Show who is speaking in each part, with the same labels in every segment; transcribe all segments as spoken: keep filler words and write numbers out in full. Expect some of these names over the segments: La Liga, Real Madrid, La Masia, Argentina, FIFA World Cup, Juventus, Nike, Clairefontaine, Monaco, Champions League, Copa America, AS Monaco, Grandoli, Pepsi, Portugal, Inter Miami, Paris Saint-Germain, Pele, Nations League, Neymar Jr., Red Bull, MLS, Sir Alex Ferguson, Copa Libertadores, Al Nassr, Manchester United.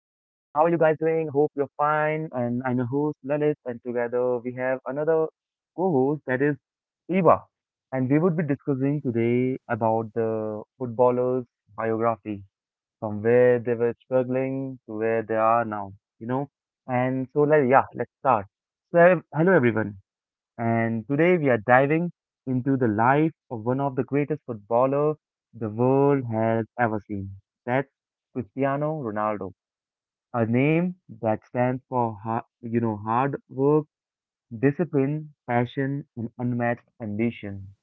Speaker 1: are you guys doing? Hope you're fine. And I'm your host Lalit, and together we have another co-host, that is Eva. And we would be discussing today about the footballers' biography, from where they were struggling to where they are now, you know? And so like yeah, let's start. So hello everyone, and today we are diving into the life of one of the greatest footballer the world has ever seen. That's Cristiano Ronaldo, a name that stands for ha- you know hard work, discipline, passion, and unmatched ambition.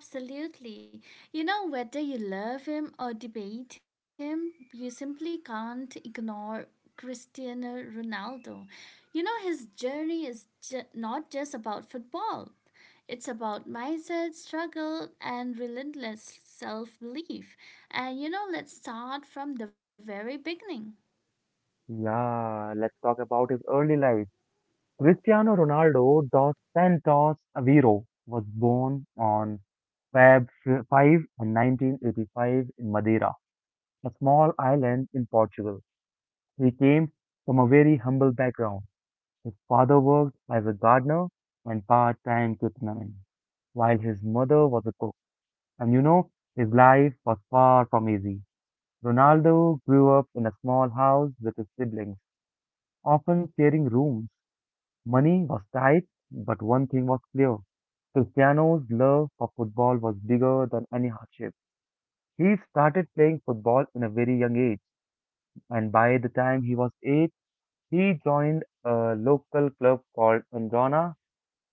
Speaker 2: Absolutely. You know, whether you love him or debate him, you simply can't ignore Cristiano Ronaldo. You know, his journey is ju- not just about football, it's about mindset, struggle, and relentless self belief. And you know, let's start from the very beginning.
Speaker 1: Yeah, let's talk about his early life. Cristiano Ronaldo dos Santos Aveiro was born on February fifth and nineteen eighty-five in Madeira, a small island in Portugal. He came from a very humble background. His father worked as a gardener and part-time kitman, while his mother was a cook. And you know, his life was far from easy. Ronaldo grew up in a small house with his siblings, often sharing rooms. Money was tight, but one thing was clear. Cristiano's love for football was bigger than any hardship. He started playing football in a very young age, and by the time he was eight, he joined a local club called Undrona,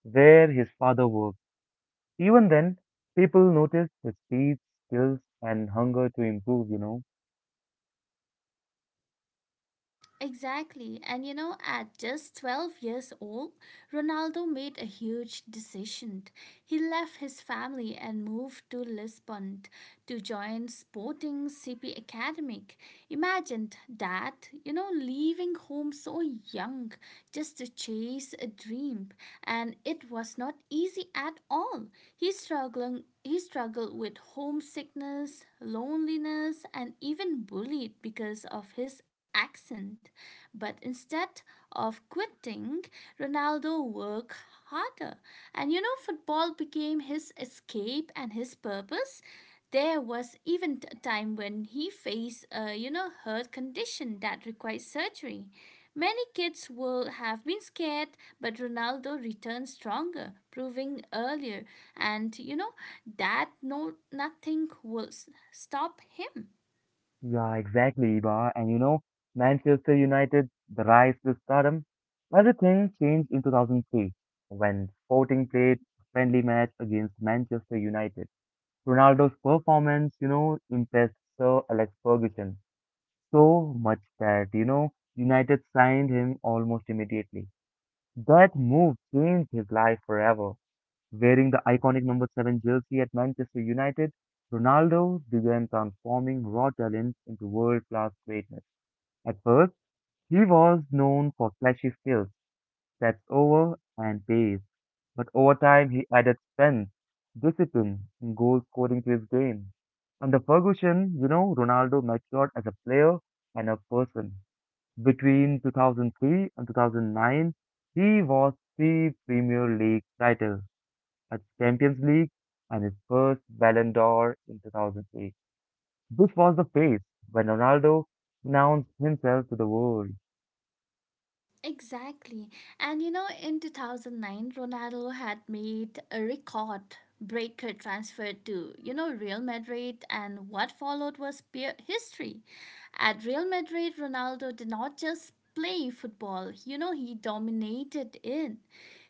Speaker 1: where his father worked. Even then, people noticed his speed, skills, and hunger to improve, you know.
Speaker 2: Exactly. And you know, at just twelve years old, Ronaldo made a huge decision. He left his family and moved to Lisbon to join Sporting C P Academic. Imagine that, you know, leaving home so young just to chase a dream. And it was not easy at all. He struggled he struggled with homesickness, loneliness, and even bullied because of his accent. But instead of quitting, Ronaldo worked harder. And you know, football became his escape and his purpose. There was even a time when he faced a you know heart condition that required surgery. Many kids will have been scared, but Ronaldo returned stronger, proving earlier and you know that no nothing will s- stop him.
Speaker 1: Yeah, exactly, Iba. And you know, Manchester United, the rise to stardom, everything changed in two thousand three when Sporting played a friendly match against Manchester United. Ronaldo's performance, you know, impressed Sir Alex Ferguson so much that, you know, United signed him almost immediately. That move changed his life forever. Wearing the iconic number seven jersey at Manchester United, Ronaldo began transforming raw talent into world-class greatness. At first, he was known for flashy skills, sets over, and pace, but over time he added strength, discipline, and goal scoring to his game. Under Ferguson, you know, Ronaldo matured as a player and a person. Between two thousand three and two thousand nine, he was three Premier League titles at Champions League and his first Ballon d'Or in two thousand eight. This was the phase when Ronaldo announced himself to the world.
Speaker 2: Exactly. And you know, in two thousand nine, Ronaldo had made a record breaker transfer to, you know, Real Madrid, and what followed was pure history. At Real Madrid, Ronaldo did not just play football, you know, he dominated it.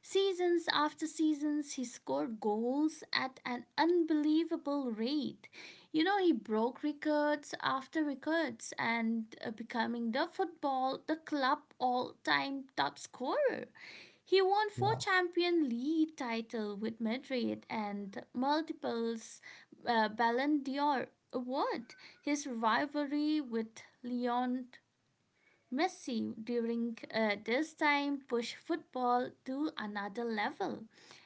Speaker 2: Seasons after seasons, he scored goals at an unbelievable rate. You know, he broke records after records and uh, becoming the football, the club all-time top scorer. He won four
Speaker 1: Yeah,
Speaker 2: Champions League title with Madrid and multiples uh, Ballon d'Or award. His rivalry with Leon Messi during uh, this time pushed football to another level.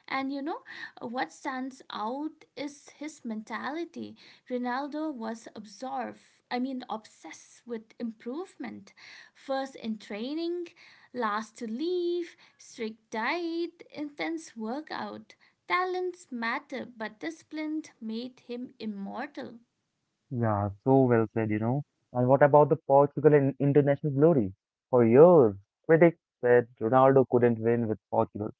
Speaker 2: And you know what stands out is his mentality. Ronaldo was absorbed, I mean obsessed with improvement. First in training, last to leave, strict diet, intense workout. Talents matter, but discipline made him immortal.
Speaker 1: yeah, so well said, you know. And what about the Portugal in international glory? For years, critics said Ronaldo couldn't win with Portugal.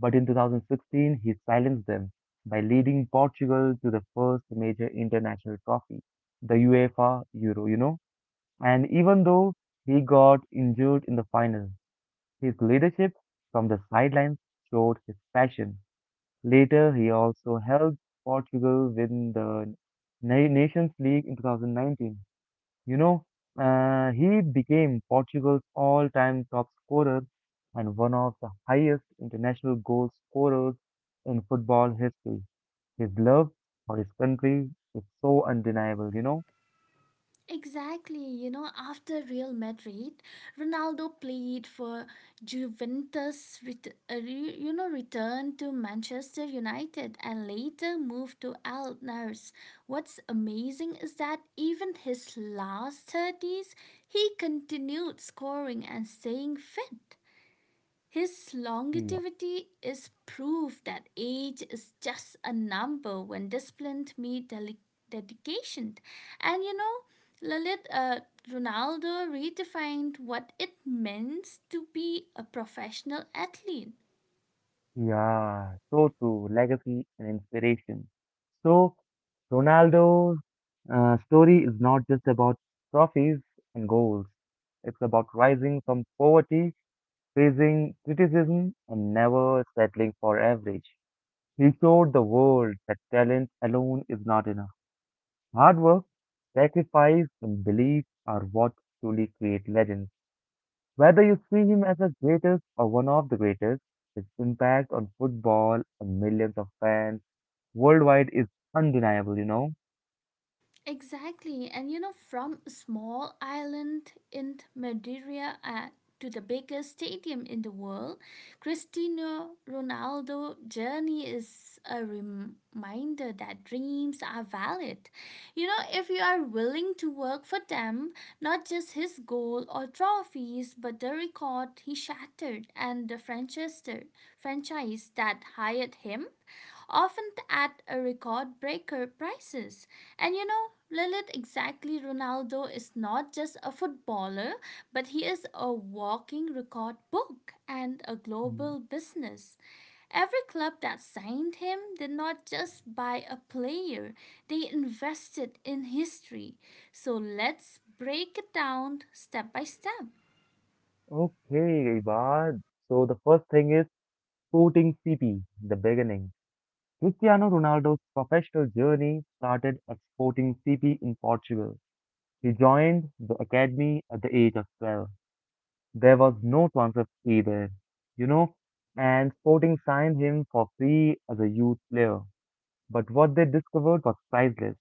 Speaker 1: But in two thousand sixteen, he silenced them by leading Portugal to the first major international trophy, the UEFA Euro, you know. And even though he got injured in the final, his leadership from the sidelines showed his passion. Later, he also helped Portugal win the Na- Nations League in two thousand nineteen. you know, uh, he became Portugal's all-time top scorer and one of the highest international goal scorers in football history. His love for his country is so undeniable, you know?
Speaker 2: Exactly, you know, after Real Madrid, Ronaldo played for Juventus, ret- uh, re- you know, returned to Manchester United and later moved to Al Nassr. What's amazing is that even his last thirties, he continued scoring and staying fit. His
Speaker 1: Yeah,
Speaker 2: longevity is proof that age is just a number when disciplined, meets deli- dedication. And you know, Lalit, uh, Ronaldo redefined what it means to be a professional athlete.
Speaker 1: yeah, so true. Legacy and inspiration. So, Ronaldo's uh, story is not just about trophies and goals. It's about rising from poverty, facing criticism, and never settling for average. He showed the world that talent alone is not enough. Hard work, sacrifice, and belief are what truly create legends. Whether you see him as the greatest or one of the greatest, his impact on football and millions of fans worldwide is undeniable, you know?
Speaker 2: Exactly. And you know, from small island in Madeira uh, to the biggest stadium in the world, Cristiano Ronaldo journey is a reminder that dreams are valid. You know, if you are willing to work for them, not just his goal or trophies, but the record he shattered and the franchise franchise that hired him often at a record breaker prices. And you know, Lilith, exactly, Ronaldo is not just a footballer, but he is a walking record book and a
Speaker 1: Yeah.
Speaker 2: global business. Every club that signed him did not just buy a player, they invested in history. So let's break it down step by step.
Speaker 1: Okay, Ibad. So the first thing is Sporting C P, the beginning. Cristiano Ronaldo's professional journey started at Sporting C P in Portugal. He joined the academy at the age of twelve. There was no transfer fee there, you know, and Sporting signed him for free as a youth player. But what they discovered was priceless.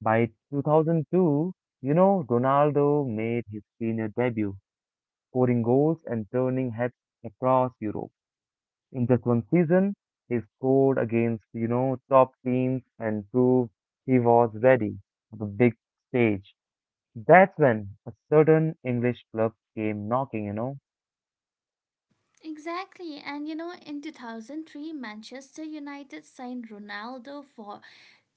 Speaker 1: By two thousand two, you know, Ronaldo made his senior debut, scoring goals and turning heads across Europe. In just one season, he scored against, you know, top teams and proved he was ready for the big stage. That's when a certain English club came knocking, you know?
Speaker 2: Exactly, and you know, in two thousand three, Manchester United signed Ronaldo for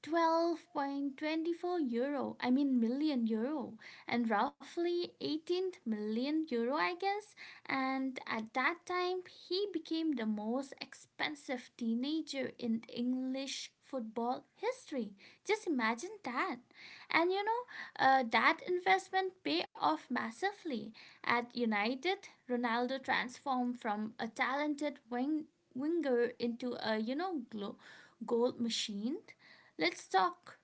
Speaker 2: twelve point two four euro, I mean million euro, and roughly eighteen million euro, I guess. And at that time, he became the most expensive teenager in English football history. Just imagine that. And you know, uh, that investment paid off massively. At United, Ronaldo transformed from a talented wing- winger into a you know glo- goal machine. Let's talk.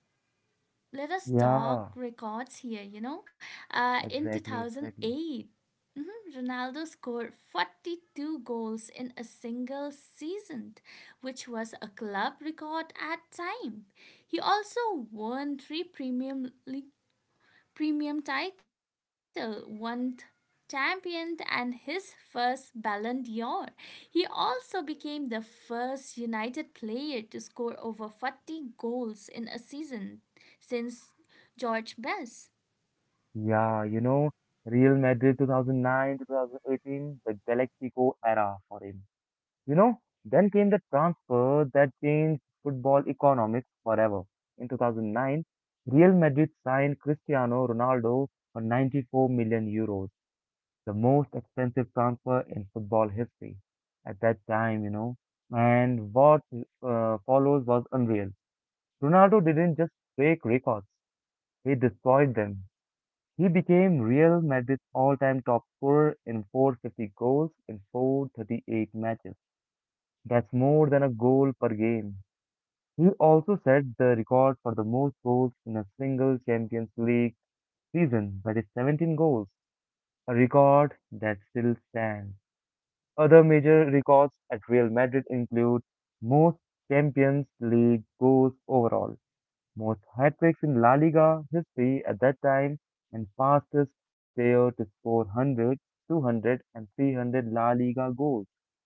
Speaker 2: Let us talk
Speaker 1: Yeah,
Speaker 2: records here. You know, uh, in two
Speaker 1: exactly,
Speaker 2: thousand
Speaker 1: exactly.
Speaker 2: eight. Mhm. Ronaldo scored forty-two goals in a single season, which was a club record at time. He also won three Premier League premium title, won champion and his first Ballon d'Or. He also became the first United player to score over forty goals in a season since George Best.
Speaker 1: Yeah, you know, Real Madrid two thousand nine, twenty eighteen, the Galactico era for him. You know, then came the transfer that changed football economics forever. In two thousand nine, Real Madrid signed Cristiano Ronaldo for ninety-four million euros, the most expensive transfer in football history at that time, you know. And what uh, follows was unreal. Ronaldo didn't just break records, he destroyed them. He became Real Madrid's all time top scorer in four hundred fifty goals in four hundred thirty-eight matches. That's more than a goal per game. He also set the record for the most goals in a single Champions League season, that is seventeen goals, a record that still stands. Other major records at Real Madrid include most Champions League goals overall, most hat-tricks in La Liga history at that time, and fastest player to score one hundred, two hundred, and three hundred La Liga goals.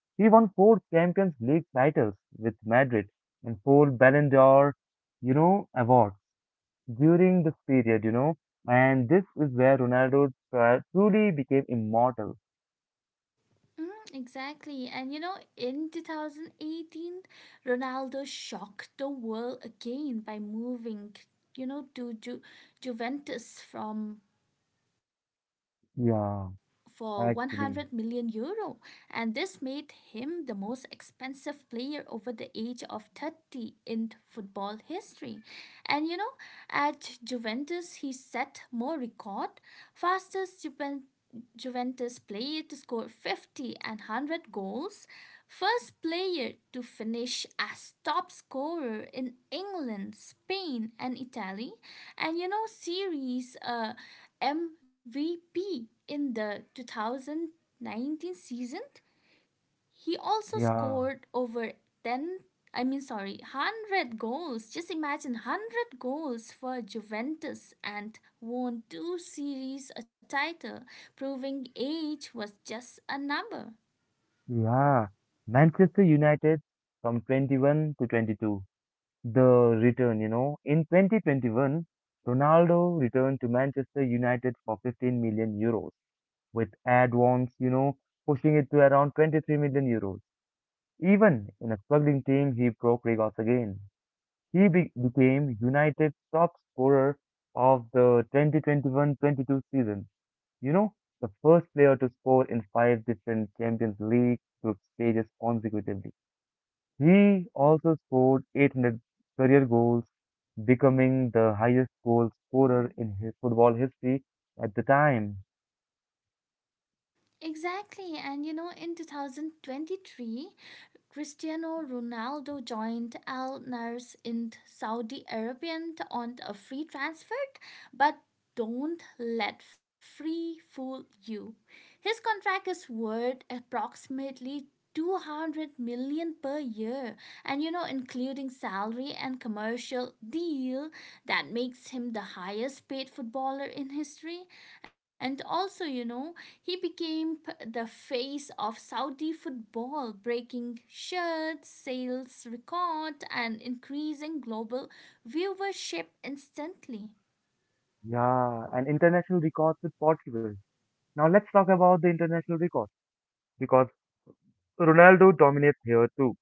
Speaker 1: He won four Champions League titles with Madrid and four Ballon d'Or, you know, awards during this period, you know. And this is where Ronaldo tru- truly became immortal.
Speaker 2: Mm, exactly. And you know, in twenty eighteen, Ronaldo shocked the world again by moving, you know, to Ju- Juventus from for one hundred
Speaker 1: Yeah,
Speaker 2: million euro,
Speaker 1: actually.
Speaker 2: and this made him the most expensive player over the age of thirty in football history. And you know, at juventus he set more record, fastest juventus Juventus player to score fifty and one hundred goals, first player to finish as top scorer in England, Spain, and Italy, and you know, series uh, M V P in the two thousand nineteen season. He also
Speaker 1: Yeah.
Speaker 2: scored over ten, I mean sorry, one hundred goals. Just imagine one hundred goals for Juventus and won two series a title, proving age was just a number.
Speaker 1: Yeah, Manchester United from twenty-one to twenty-two. The return, you know. In twenty twenty-one, Ronaldo returned to Manchester United for fifteen million euros with add-ons, you know, pushing it to around twenty-three million euros. Even in a struggling team, he broke records again. He be became United's top scorer of the twenty twenty-one twenty two season. You know, the first player to score in five different Champions League group stages consecutively. He also scored eight hundred career goals, becoming the highest goal scorer in his football history at the time.
Speaker 2: Exactly. And you know, in twenty twenty-three, Cristiano Ronaldo joined Al Nars in Saudi Arabian on a free transfer, but don't let free fool you. His contract is worth approximately two hundred million per year and you know including salary and commercial deal that makes him the highest paid footballer in history. And also you know he became p- the face of saudi football, breaking shirt sales record and increasing global viewership instantly.
Speaker 1: Yeah, and international records with Portugal. Now let's talk about the international records because Ronaldo dominates here too.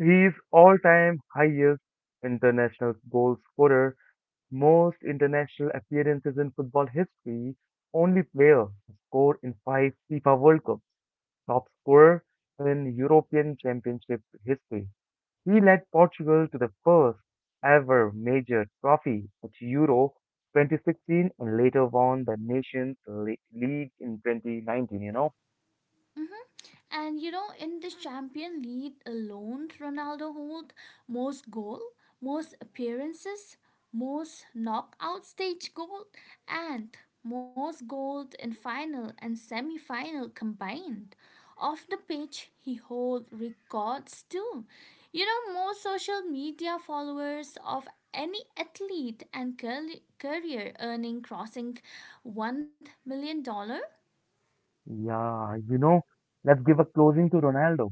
Speaker 1: He is all-time highest international goal scorer, most international appearances in football history, only player to score in five FIFA World Cups, top scorer in European Championship history. He led Portugal to the first ever major trophy at Euro twenty sixteen and later won the Nations Le- League in twenty nineteen, you know?
Speaker 2: And you know, in the Champion League alone, Ronaldo holds most goal, most appearances, most knockout stage goal, and most gold in final and semi-final combined. Off the pitch, he holds records too. You know, more social media followers of any athlete and curly- career earning crossing $1 million dollars.
Speaker 1: Yeah, you know, let's give a closing to Ronaldo.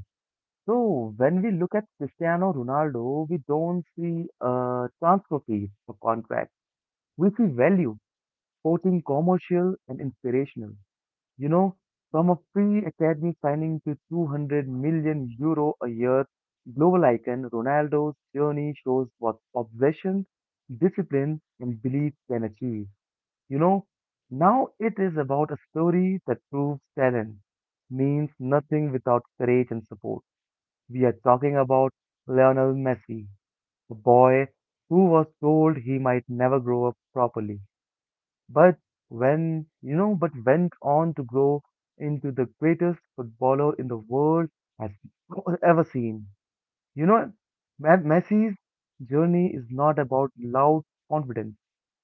Speaker 1: So, when we look at Cristiano Ronaldo, we don't see uh, transfer fees or contract. We see value, both in commercial and inspirational. You know, from a free academy signing to two hundred million euro a year global icon, Ronaldo's journey shows what obsession, discipline, and belief can achieve. You know, now it is about a story that proves talent means nothing without courage and support. We are talking about Lionel Messi, a boy who was told he might never grow up properly, but when, you know, but went on to grow into the greatest footballer in the world has ever seen. You know, Me- Messi's journey is not about loud confidence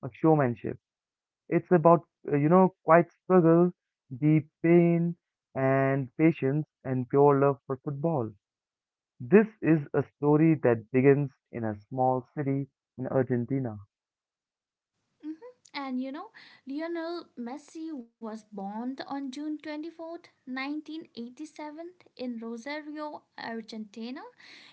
Speaker 1: or showmanship. It's about, uh, you know, quiet struggle, deep pain, and patience, and pure love for football. This is a story that begins in a small city in Argentina.
Speaker 2: Mhm. And you know, Lionel Messi was born on June twenty-fourth, nineteen eighty-seven in Rosario, Argentina.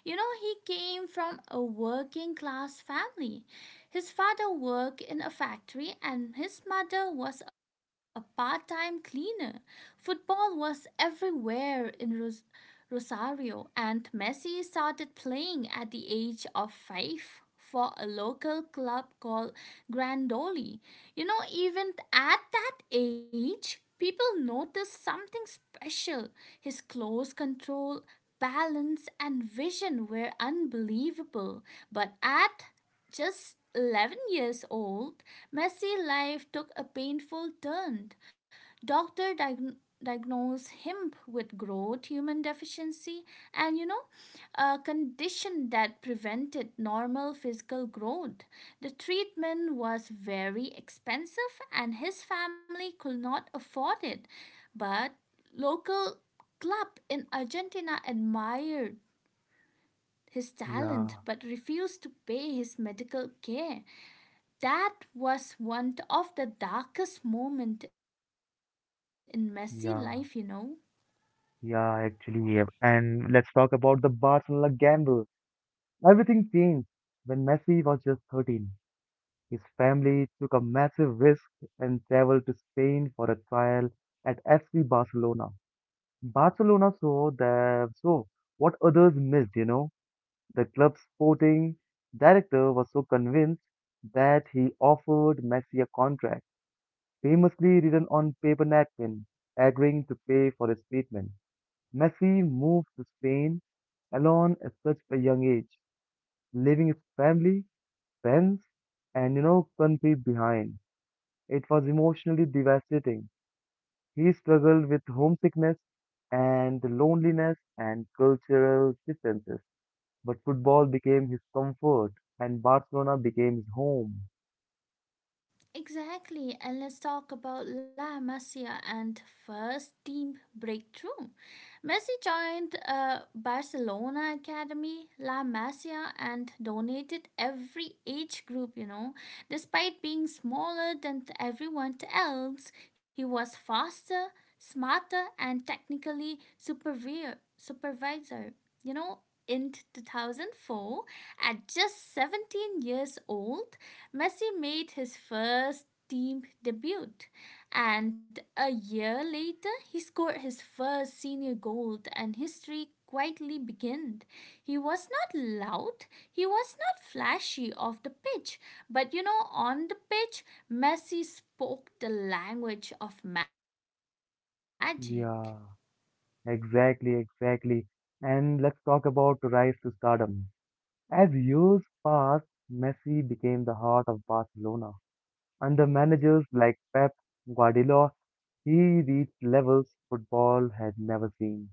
Speaker 2: You know, he came from a working class family. His father worked in a factory and his mother was a part-time cleaner. Football was everywhere in Rosario. Rosario, and Messi started playing at the age of five for a local club called Grandoli. You know, even at that age, people noticed something special. His close control, balance, and vision were unbelievable. But at just eleven years old, Messi's life took a painful turn. Doctor diag- diagnosed him with growth human deficiency and you know a condition that prevented normal physical growth. The treatment was very expensive and his family could not afford it, but local club in Argentina admired his talent
Speaker 1: Yeah,
Speaker 2: but refused to pay his medical care. That was one of the darkest moments in Messi life, you know.
Speaker 1: yeah. Yeah, actually, yeah. And let's talk about the Barcelona gamble. Everything changed when Messi was just thirteen. His family took a massive risk and traveled to Spain for a trial at F C Barcelona. Barcelona saw the saw what others missed, you know. The club's sporting director was so convinced that he offered Messi a contract, famously written on paper napkin, agreeing to pay for his treatment. Messi moved to Spain alone at such a young age, leaving his family, friends, and you know, country behind. It was emotionally devastating. He struggled with homesickness and loneliness and cultural distances. But football became his comfort and Barcelona became his home.
Speaker 2: Exactly, and let's talk about La Masia and first team breakthrough. Messi joined uh, Barcelona Academy, La Masia, and donated every age group, you know. Despite being smaller than everyone else, he was faster, smarter, and technically superior, supervisor. You know, in two thousand four, at just seventeen years old, Messi made his first team debut. And a year later, he scored his first senior goal and his streak quietly began. He was not loud, he was not flashy off the pitch, but you know, on the pitch, Messi spoke the language of magic.
Speaker 1: Yeah, exactly, exactly. And let's talk about the rise to stardom. As years passed, Messi became the heart of Barcelona. Under managers like Pep Guardiola, he reached levels football had never seen.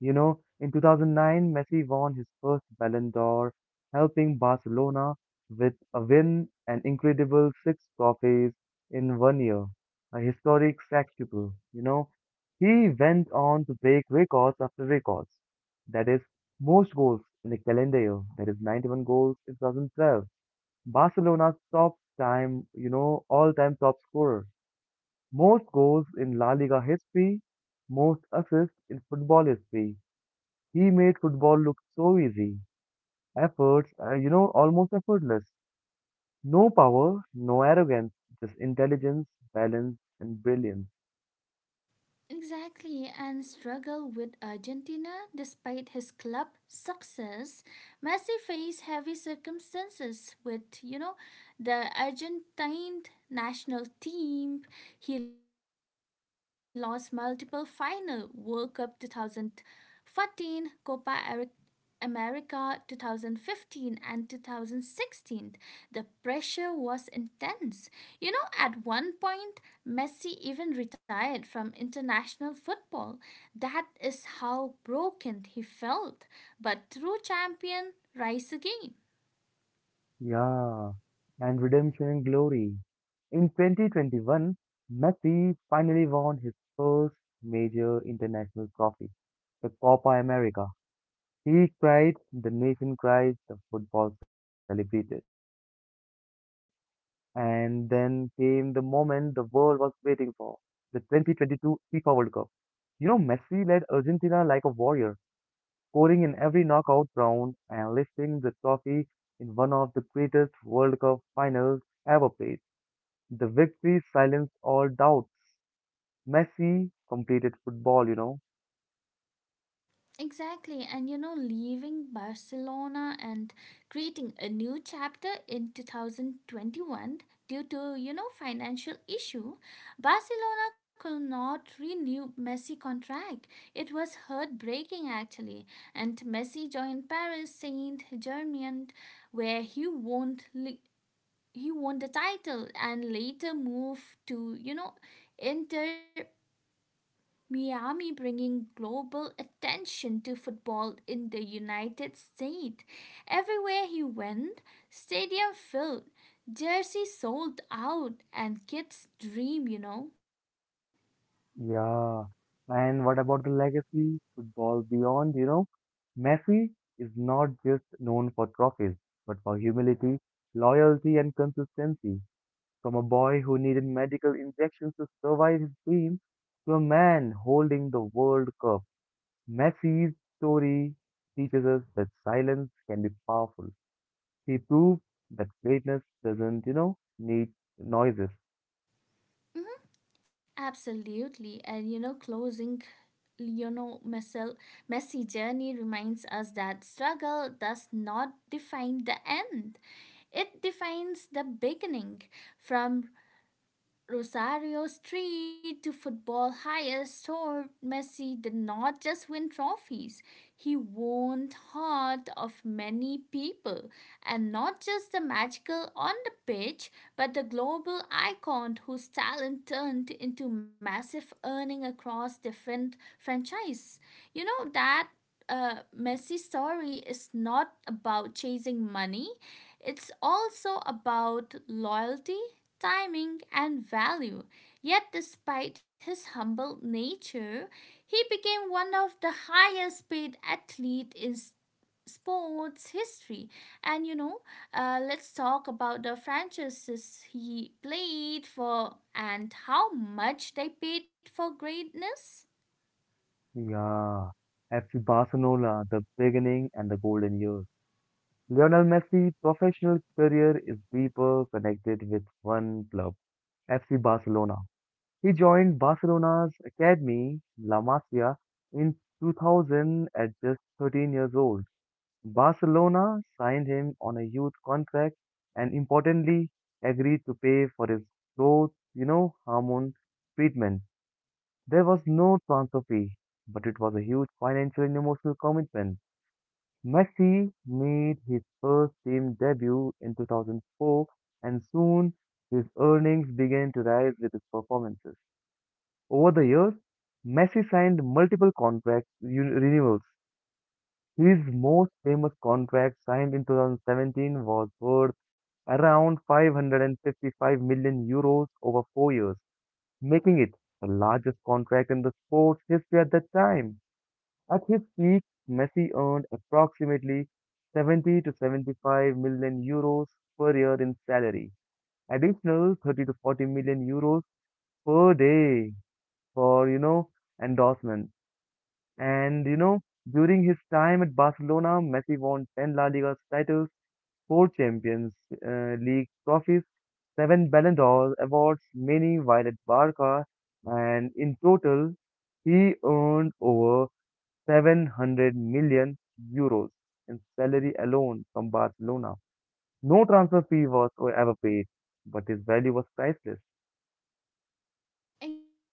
Speaker 1: You know, in two thousand nine, Messi won his first Ballon d'Or, helping Barcelona with a win and incredible six trophies in one year, a historic sextuple. You know, he went on to break records after records. That is, most goals in a calendar year. That is ninety-one goals in two thousand twelve. Barcelona's top time, you know, all-time top scorer. Most goals in La Liga history, most assists in football history. He made football look so easy. Efforts, uh, you know, almost effortless. No power, no arrogance, just intelligence, balance, and brilliance.
Speaker 2: Exactly, and struggle with Argentina despite his club success. Messi faced heavy circumstances with, you know, the Argentine national team. He lost multiple final World Cup twenty fourteen, Copa Eric America twenty fifteen and twenty sixteen, the pressure was intense. You know, at one point, Messi even retired from international football. That is how broken he felt. But through champion, rise again.
Speaker 1: Yeah, and redemption and glory. In twenty twenty-one, Messi finally won his first major international trophy, the Copa America. He cried, the nation cried, the football celebrated. And then came the moment the world was waiting for, the twenty twenty-two FIFA World Cup. You know, Messi led Argentina like a warrior, scoring in every knockout round and lifting the trophy in one of the greatest World Cup finals ever played. The victory silenced all doubts. Messi completed football, you know.
Speaker 2: Exactly, and you know, leaving Barcelona and creating a new chapter in two thousand twenty-one due to, you know, financial issue, Barcelona could not renew Messi contract. It was heartbreaking actually, and Messi joined Paris Saint-Germain where he won li- he won the title and later moved to, you know, Inter Miami, bringing global attention to football in the United States. Everywhere he went, stadium filled, jersey sold out, and kids dream, you know.
Speaker 1: Yeah. And what about the legacy? Football beyond, you know? Messi is not just known for trophies, but for humility, loyalty, and consistency. From a boy who needed medical injections to survive his dream to a man holding the World Cup. Messi's story teaches us that silence can be powerful. He proved that greatness doesn't, you know, need noises.
Speaker 2: Mhm. Absolutely. And you know, closing Lionel Messi, Messi journey reminds us that struggle does not define the end. It defines the beginning. From Rosario Street to football highest star, Messi did not just win trophies. He won heart of many people, and not just the magical on the pitch, but the global icon whose talent turned into massive earning across different franchises. You know that uh, Messi story is not about chasing money. It's also about loyalty, timing, and value. Yet, despite his humble nature, he became one of the highest paid athlete in s- sports history. And you know, uh, let's talk about the franchises he played for and how much they paid for greatness.
Speaker 1: Yeah, F C Barcelona, the beginning and the golden years. Lionel Messi's professional career is deeper connected with one club, F C Barcelona. He joined Barcelona's academy, La Masia, in two thousand at just thirteen years old. Barcelona signed him on a youth contract and importantly agreed to pay for his growth, you know, hormone treatment. There was no transfer fee, but it was a huge financial and emotional commitment. Messi made his first team debut in two thousand four and soon his earnings began to rise with his performances. Over the years, Messi signed multiple contract un- renewals. His most famous contract signed in twenty seventeen was worth around five hundred fifty-five million euros over four years, making it the largest contract in the sports history at that time. At his peak, Messi earned approximately seventy to seventy-five million euros per year in salary. Additional thirty to forty million euros per day for, you know, endorsement. And, you know, during his time at Barcelona, Messi won ten La Liga titles, four Champions uh, League trophies, seven Ballon d'Or awards, many while at Barca, and in total, he earned over seven hundred million euros in salary alone from Barcelona. No transfer fee was ever paid, but his value was priceless.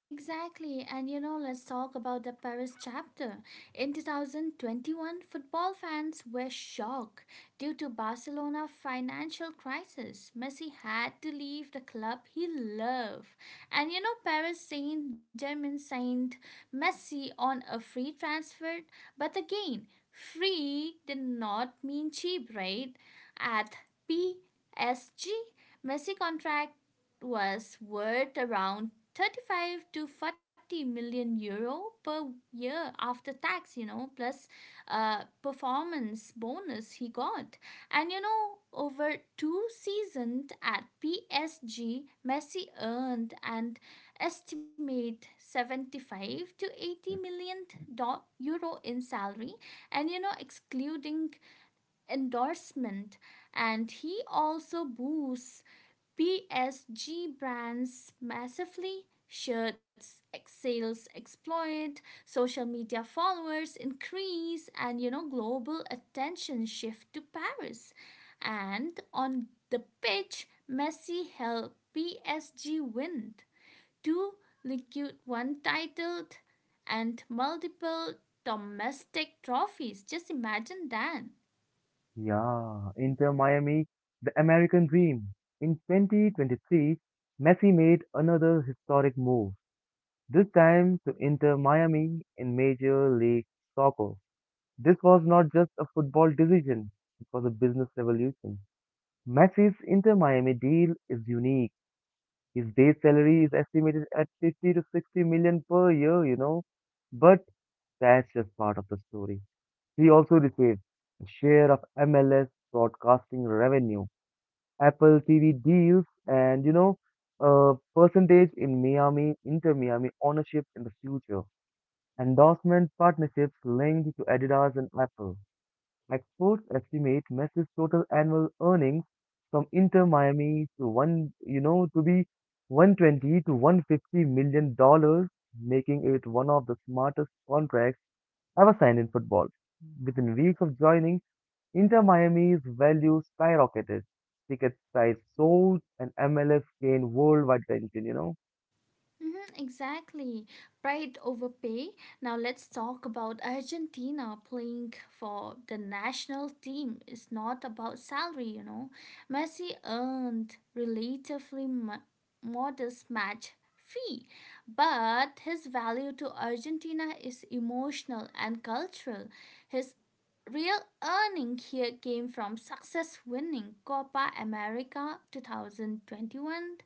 Speaker 2: Exactly, and you know, let's talk about the Paris chapter. In twenty twenty-one, football fans were shocked due to Barcelona financial crisis. Messi had to leave the club he loved. And you know, Paris Saint-Germain signed Messi on a free transfer, but again, free did not mean cheap, right? At P S G, Messi contract was worth around thirty-five to forty million euro per year after tax, you know plus uh, performance bonus he got. And you know over two seasons at P S G Messi earned an estimate seventy-five to eighty million do- euro in salary and you know excluding endorsement. And he also boosts P S G brands massively. Shirts sales exploit, social media followers increase, and you know, global attention shift to Paris. And on the pitch, Messi helped P S G win two Ligue one titled and multiple domestic trophies. Just imagine that.
Speaker 1: Yeah, Inter Miami, the American dream. In twenty twenty-three, Messi made another historic move, this time to Inter Miami in Major League Soccer. This was not just a football decision, it was a business revolution. Messi's Inter Miami deal is unique. His base salary is estimated at fifty to sixty million per year, you know. But that's just part of the story. He also receives a share of M L S broadcasting revenue, Apple T V deals, and, you know, a percentage in Miami, Inter Miami ownership in the future, endorsement partnerships linked to Adidas and Apple. Experts estimate Messi's total annual earnings from Inter Miami to one, you know, to be one hundred twenty to one hundred fifty million dollars, making it one of the smartest contracts ever signed in football. Within weeks of joining, Inter Miami's value skyrocketed. Ticket price sold and M L S gained worldwide attention, you know?
Speaker 2: Mhm, exactly. Pride over pay. Now let's talk about Argentina playing for the national team. Is not about salary, you know. Messi earned relatively mo- modest match fee, but his value to Argentina is emotional and cultural. His real earning here came from success winning Copa America twenty twenty-one,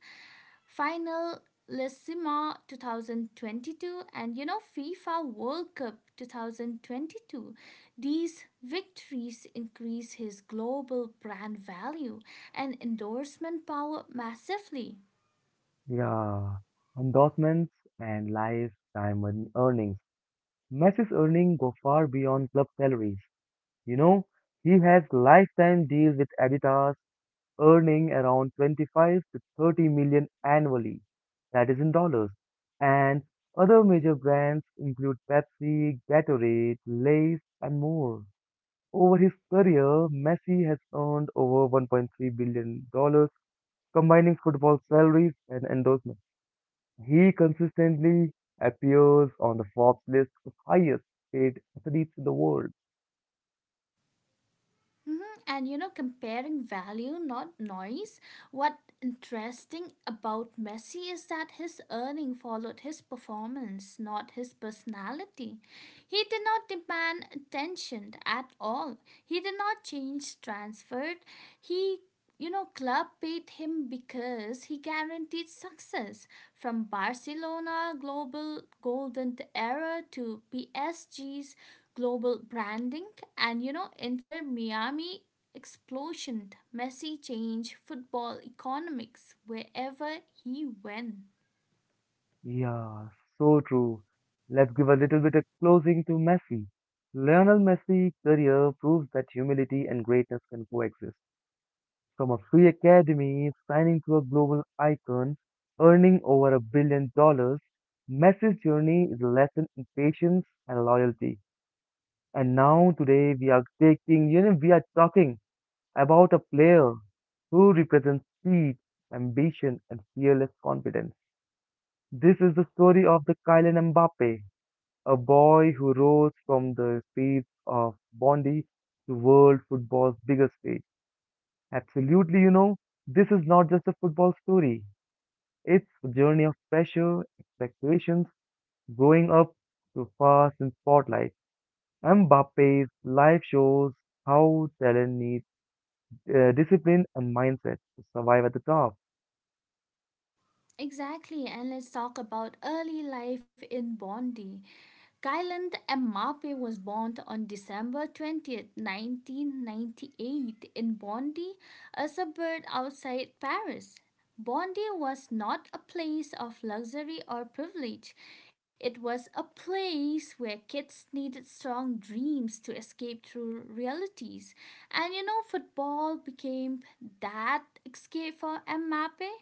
Speaker 2: Finalissima twenty twenty-two, and you know FIFA World Cup twenty twenty-two. These victories increase his global brand value and endorsement power massively.
Speaker 1: Yeah. Endorsements and lifetime earn- earnings. Messi's earnings go far beyond club salaries. You know, he has lifetime deal with Adidas, earning around twenty-five to thirty million annually. That is in dollars. And other major brands include Pepsi, Gatorade, Lay's, and more. Over his career, Messi has earned over one point three billion dollars combining football salaries and endorsements. He consistently appears on the Forbes list of highest paid athletes in the world.
Speaker 2: hmm And you know, comparing value, not noise. What interesting about Messi is that his earning followed his performance, not his personality. He did not demand attention at all. He did not change transferred. He you know, Club paid him because he guaranteed success from Barcelona global golden era to P S G's global branding, and you know, enter Miami explosion, Messi change, football economics, wherever he went.
Speaker 1: Yeah, so true. Let's give a little bit of closing to Messi. Lionel Messi's career proves that humility and greatness can coexist. From a free academy, signing to a global icon, earning over a billion dollars, Messi's journey is a lesson in patience and loyalty. And now today we are taking, you know, we are talking about a player who represents speed, ambition, and fearless confidence. This is the story of the Kylian Mbappe, a boy who rose from the streets of Bondi to world football's biggest stage. Absolutely, you know, this is not just a football story. It's a journey of pressure, expectations, growing up to fast and spotlight. Mbappe's life shows how talent needs uh, discipline and mindset to survive at the top.
Speaker 2: Exactly, and let's talk about early life in Bondi. Kylian Mbappe was born on December twentieth, nineteen ninety-eight in Bondi, a suburb outside Paris. Bondi was not a place of luxury or privilege. It was a place where kids needed strong dreams to escape through realities. And you know, football became that escape for Mbappe.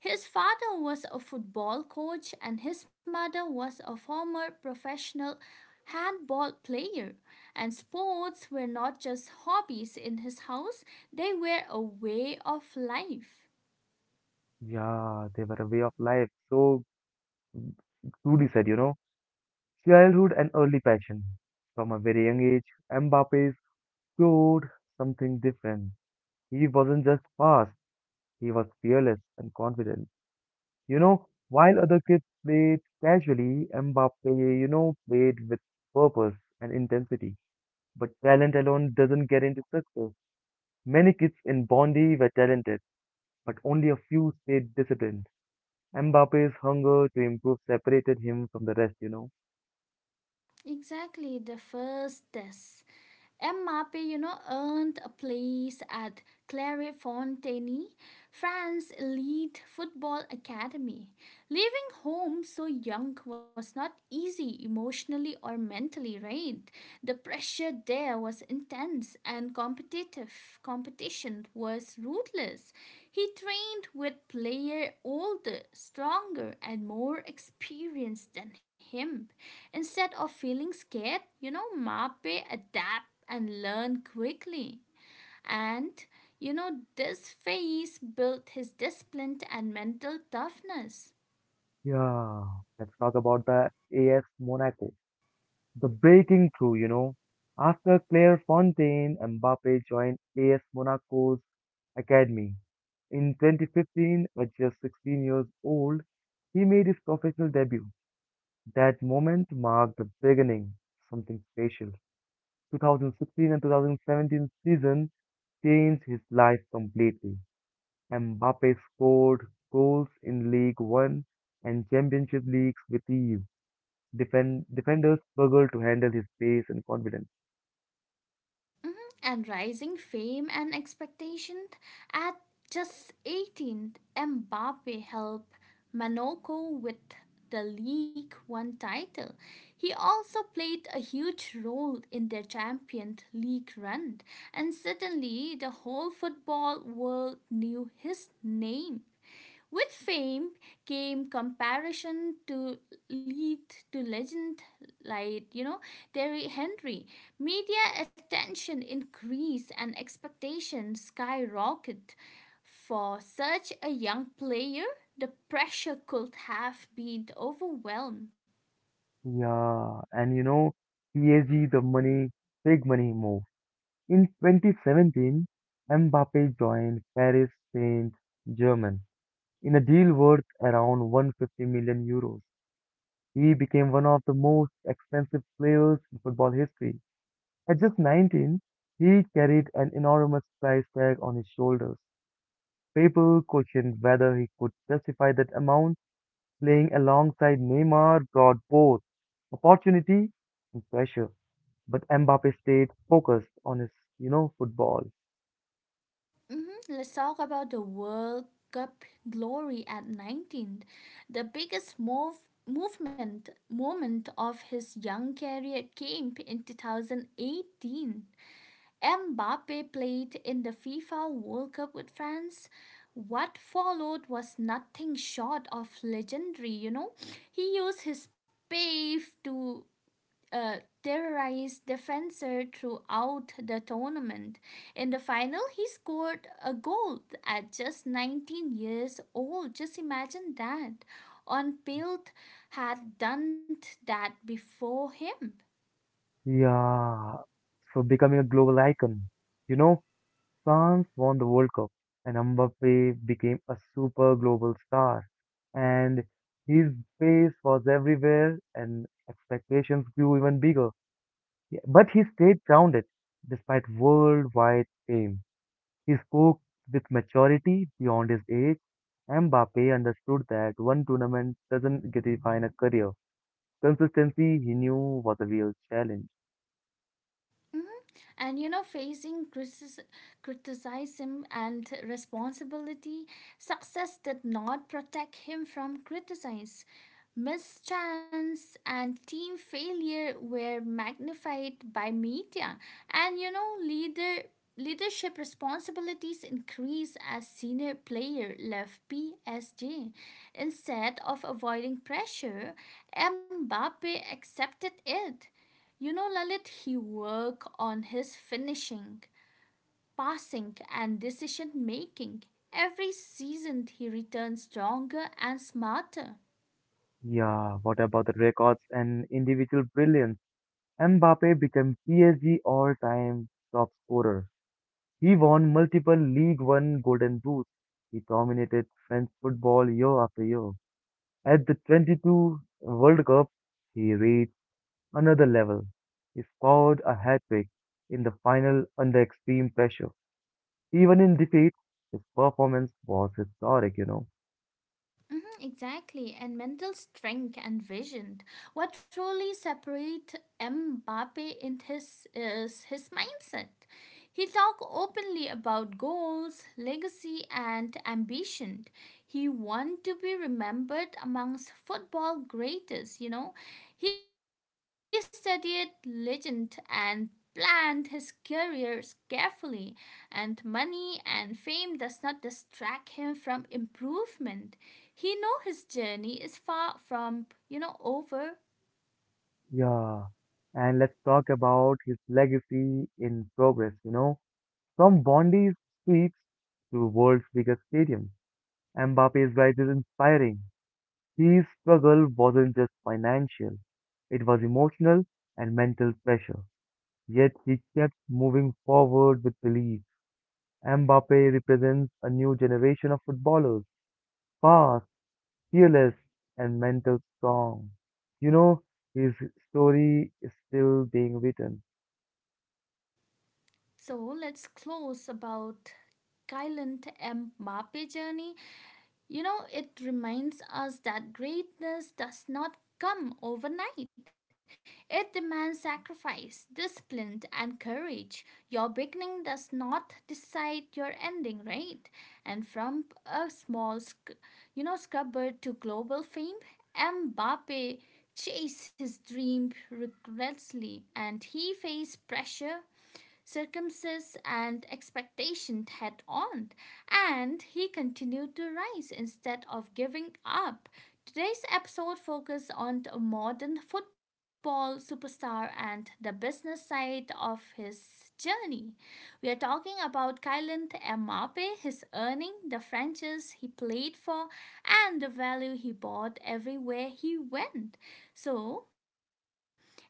Speaker 2: His father was a football coach, and his mother was a former professional handball player. And sports were not just hobbies in his house, they were a way of life.
Speaker 1: Yeah, they were a way of life. So truly said, you know, childhood and early passion. From a very young age, Mbappe explored something different. He wasn't just fast, he was fearless and confident. You know, while other kids played casually, Mbappe, you know, played with purpose and intensity. But talent alone doesn't get into success. Many kids in Bondi were talented, but only a few stayed disciplined. Mbappe's hunger to improve separated him from the rest, you know.
Speaker 2: Exactly, the first test. M R P, you know, earned a place at Clairefontaine, France's elite football academy. Leaving home so young was not easy emotionally or mentally, right? The pressure there was intense and competitive. Competition was ruthless. He trained with players older, stronger, and more experienced than him. Instead of feeling scared, you know, Mape adapt and learn quickly. And you know, this phase built his discipline and mental toughness.
Speaker 1: Yeah, let's talk about the A S Monaco, the breaking through, you know. After Clairefontaine, Mbappe joined A S Monaco's academy. In twenty fifteen, at just sixteen years old, he made his professional debut. That moment marked the beginning of something special. twenty sixteen and twenty seventeen season changed his life completely. Mbappe scored goals in League One and Championship leagues with E U. Defend, defenders struggled to handle his pace and confidence.
Speaker 2: Mhm. And rising fame and expectation at just eighteen, Mbappe helped Monaco with the League One title. He also played a huge role in their Champions League run, and suddenly the whole football world knew his name. With fame came comparison to lead to legend like, you know, Terry Henry. Media attention increased and expectations skyrocket. For such a young player, the pressure could have been overwhelmed.
Speaker 1: Yeah, and you know, P S G, the money, big money move. In twenty seventeen, Mbappe joined Paris Saint-Germain in a deal worth around one hundred fifty million euros. He became one of the most expensive players in football history. At just nineteen, he carried an enormous price tag on his shoulders. People questioned whether he could justify that amount. Playing alongside Neymar brought both opportunity and pressure. But Mbappe stayed focused on his, you know, football.
Speaker 2: Mhm. Let's talk about the World Cup glory at nineteen. The biggest move, movement moment of his young career came in two thousand eighteen. Mbappe played in the FIFA World Cup with France. What followed was nothing short of legendary, you know. He used his pace to uh, terrorized defender throughout the tournament. In the final, he scored a goal at just nineteen years old. Just imagine that. On Pilt had done that before him.
Speaker 1: Yeah, so becoming a global icon. You know, France won the World Cup and Mbappe became a super global star. And his face was everywhere and expectations grew even bigger. Yeah, but he stayed grounded despite worldwide fame. He spoke with maturity beyond his age. Mbappe understood that one tournament doesn't define a career. Consistency, he knew, was a real challenge.
Speaker 2: Mhm. And you know, facing criticis- criticism and responsibility, success did not protect him from criticism. Mischance and team failure were magnified by media, and you know, leader leadership responsibilities increased as senior player left P S G. Instead of avoiding pressure, Mbappe accepted it. You know, Lalit, he worked on his finishing, passing, and decision making. Every season, he returned stronger and smarter.
Speaker 1: Yeah, what about the records and individual brilliance? Mbappe became P S G all-time top scorer. He won multiple League One Golden Boots. He dominated French football year after year. At the twenty-two World Cup, he reached another level. He scored a hat-trick in the final under extreme pressure. Even in defeat, his performance was historic, you know.
Speaker 2: Mm-hmm, exactly, and mental strength and vision. What truly separates Mbappe in his, is his mindset. He talked openly about goals, legacy, and ambition. He want to be remembered amongst football greatest, you know. He studied legend and planned his career carefully, and money and fame does not distract him from improvement. He know his journey is far from you know over.
Speaker 1: Yeah, and let's talk about his legacy in progress, you know, from Bondi's streets to world's biggest stadium. Mbappe's rise is inspiring. His struggle wasn't just financial, it was emotional and mental pressure. Yet he kept moving forward with belief. Mbappe represents a new generation of footballers, fast, fearless, and mental strong. You know, his story is still being written.
Speaker 2: So let's close about Kylant M. Mbappe journey. You know, it reminds us that greatness does not come overnight. It demands sacrifice, discipline, and courage. Your beginning does not decide your ending, right? And from a small, sc- you know, scrubber to global fame, Mbappe chased his dream relentlessly and he faced pressure, circumstances, and expectation head on, and he continued to rise instead of giving up. Today's episode focuses on a modern football superstar and the business side of his journey. We are talking about Kylian Mbappe, his earning, the franchise he played for, and the value he brought everywhere he went. So,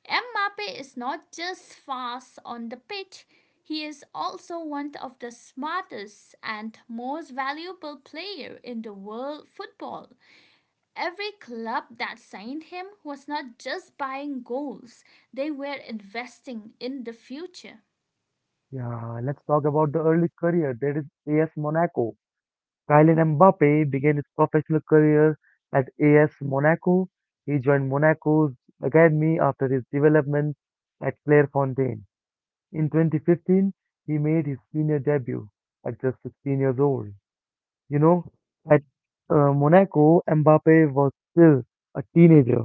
Speaker 2: Mbappe is not just fast on the pitch, he is also one of the smartest and most valuable player in the world football. Every club that signed him was not just buying goals, they were investing in the future.
Speaker 1: Yeah, let's talk about the early career. That is A S Monaco. Kylian Mbappe began his professional career at A S Monaco. He joined Monaco's academy after his development at Clairefontaine. In twenty fifteen, he made his senior debut at just sixteen years old. You know, at uh, Monaco, Mbappe was still a teenager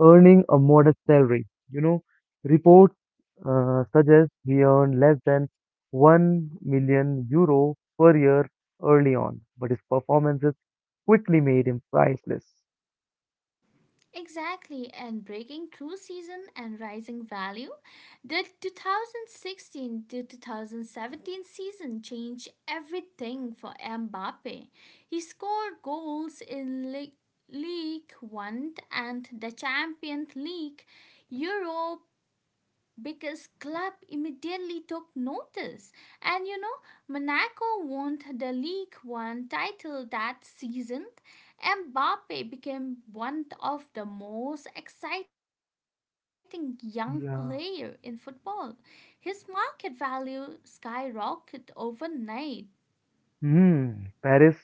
Speaker 1: earning a modest salary. You know, reports uh, suggest he earned less than one million euro per year early on, but his performances quickly made him priceless.
Speaker 2: Exactly, and breaking through season and rising value, the two thousand sixteen to two thousand seventeen season changed everything for Mbappe. He scored goals in Le- League One and the Champions League, Europe because club immediately took notice, and you know, Monaco won the league one title that season. Mbappe became one of the most exciting young player in
Speaker 1: Yeah.
Speaker 2: football. His market value skyrocketed overnight.
Speaker 1: Hmm, Paris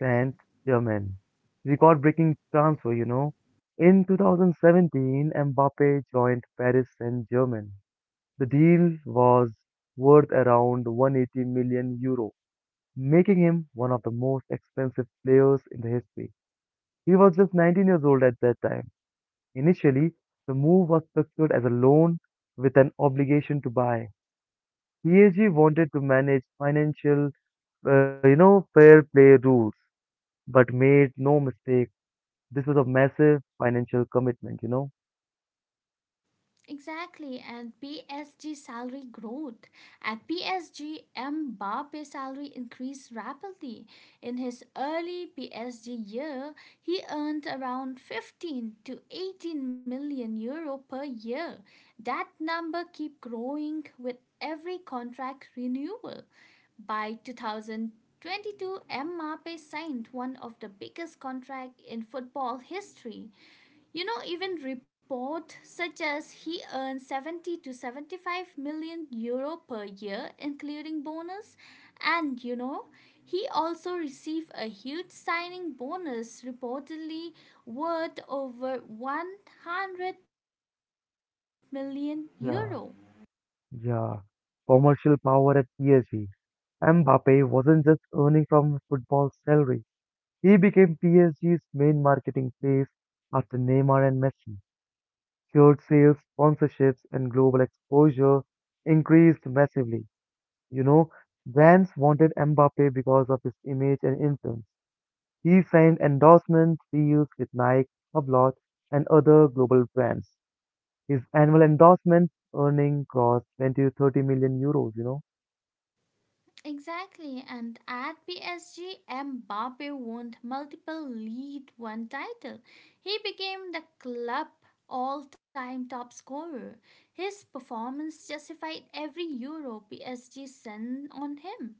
Speaker 1: Saint-Germain. Record-breaking transfer, you know. In two thousand seventeen, Mbappe joined Paris Saint-Germain. The deal was worth around one hundred eighty million euro, making him one of the most expensive players in the history. He was just nineteen years old at that time. Initially, the move was structured as a loan with an obligation to buy. P S G wanted to manage financial, uh, you know, fair play rules, but made no mistake. This was a massive financial commitment, you know.
Speaker 2: Exactly, and P S G salary growth. At P S G, Mbappe salary increased rapidly. In his early P S G year, he earned around fifteen to eighteen million euro per year. That number keep growing with every contract renewal. By twenty twenty-two, Mbappe signed one of the biggest contract in football history. You know, even report such as he earns seventy to seventy-five million euro per year, including bonus. And you know, he also received a huge signing bonus, reportedly worth over one hundred million euro.
Speaker 1: Yeah, yeah. Commercial power at P S G. Mbappe wasn't just earning from football salary. He became P S G's main marketing place after Neymar and Messi. Cured sales, sponsorships, and global exposure increased massively. You know, brands wanted Mbappe because of his image and influence. He signed endorsement deals with Nike, Hublot, and other global brands. His annual endorsement earning crossed twenty to thirty million euros, you know?
Speaker 2: Exactly, and at P S G, Mbappe won multiple League One title. He became the club all-time top scorer. His performance justified every euro P S G sent on him,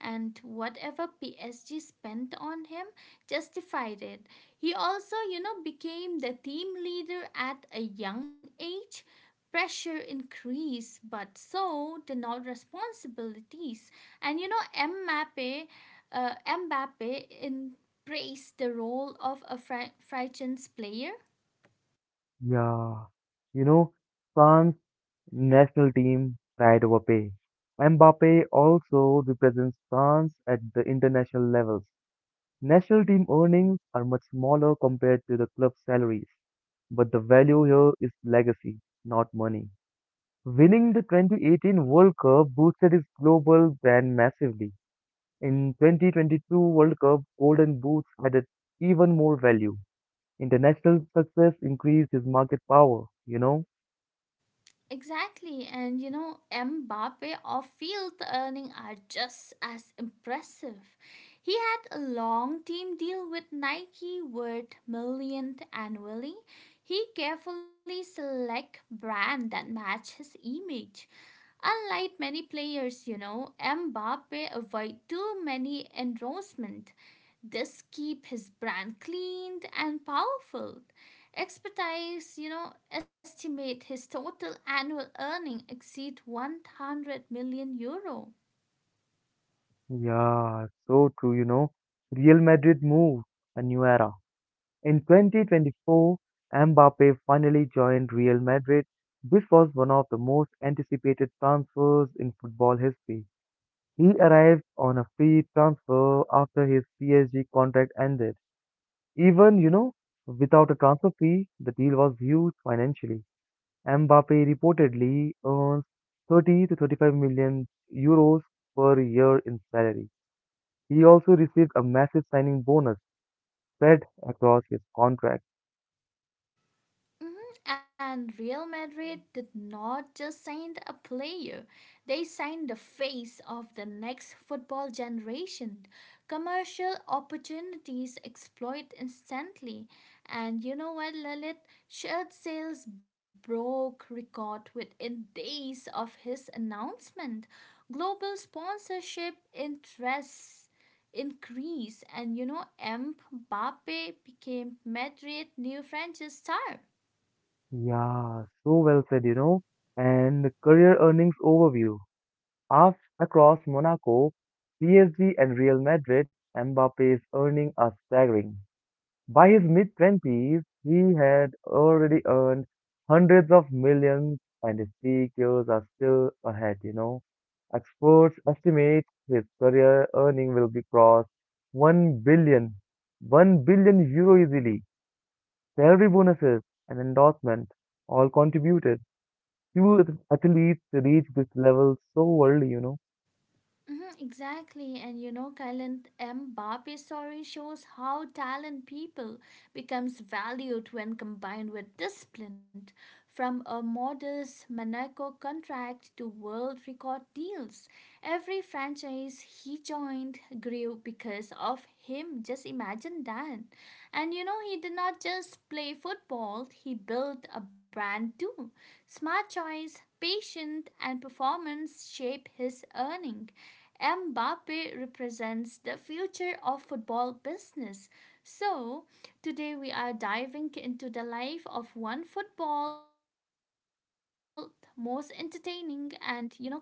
Speaker 2: and whatever P S G spent on him justified it. He also, you know, became the team leader at a young age. Pressure increased, but so did not responsibilities. And you know, Mbappe, uh, Mbappe embraced the role of a French player.
Speaker 1: Yeah. You know, France national team pride over pay. Mbappe also represents France at the international levels. National team earnings are much smaller compared to the club salaries, but the value here is legacy, not money. Winning the twenty eighteen World Cup boosted his global brand massively. In twenty twenty-two World Cup, Golden Boots added even more value. International success increased his market power, you know.
Speaker 2: Exactly, and you know, Mbappe or field earning are just as impressive. He had a long team deal with Nike worth millions annually. He carefully select brand that match his image. Unlike many players, you know, Mbappe avoid too many endorsement. This keep his brand clean and powerful. Expertise, you know, estimate his total annual earning exceed one hundred million euro.
Speaker 1: Yeah, so true, you know. Real Madrid moved a new era. In twenty twenty-four, Mbappe finally joined Real Madrid, which was one of the most anticipated transfers in football history. He arrived on a free transfer after his P S G contract ended. Even, you know, without a transfer fee, the deal was huge financially. Mbappe reportedly earns thirty to thirty-five million euros per year in salary. He also received a massive signing bonus spread across his contract.
Speaker 2: Mhm. And Real Madrid did not just sign a player, they signed the face of the next football generation. Commercial opportunities exploit instantly. And you know what, Lilith? Shirt sales broke record within days of his announcement. Global sponsorship interests increased, and you know, Mbappe became Madrid new French star.
Speaker 1: Yeah, so well said, you know. And career earnings overview. Af across Monaco, P S G and Real Madrid, Mbappe is earning a staggering. By his mid-twenties, he had already earned hundreds of millions, and his peak years are still ahead, you know. Experts estimate his career earning will be crossed one billion, one billion euro easily. Salary bonuses and endorsement all contributed. Few athletes reach this level so early, you know.
Speaker 2: Mhm, exactly, and you know, Kylian Mbappe's story shows how talent people becomes valued when combined with discipline. From a modest Monaco contract to world record deals, every franchise he joined grew because of him. Just imagine that. And you know, he did not just play football; he built a brand too. Smart choice, patience, and performance shape his earning. Mbappe represents the future of football business. So, today we are diving into the life of one football most entertaining and you know controversial star.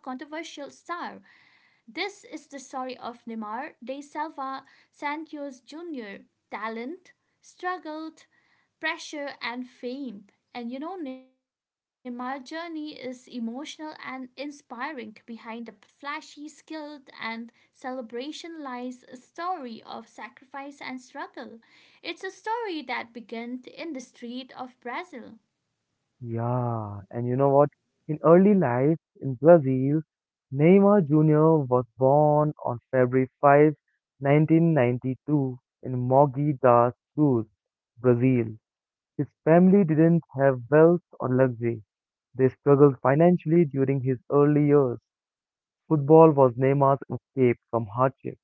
Speaker 2: This is the story of Neymar de Silva Santos Junior Talent, struggled, pressure, and fame. And you know, Nimar's journey is emotional and inspiring. Behind the flashy skill and celebration lies a story of sacrifice and struggle. It's a story that began in the street of Brazil.
Speaker 1: Yeah, and you know what? In early life in Brazil, Neymar Junior was born on February fifth, nineteen ninety-two, in Mogi das Cruz, Brazil. His family didn't have wealth or luxury. They struggled financially during his early years. Football was Neymar's escape from hardship.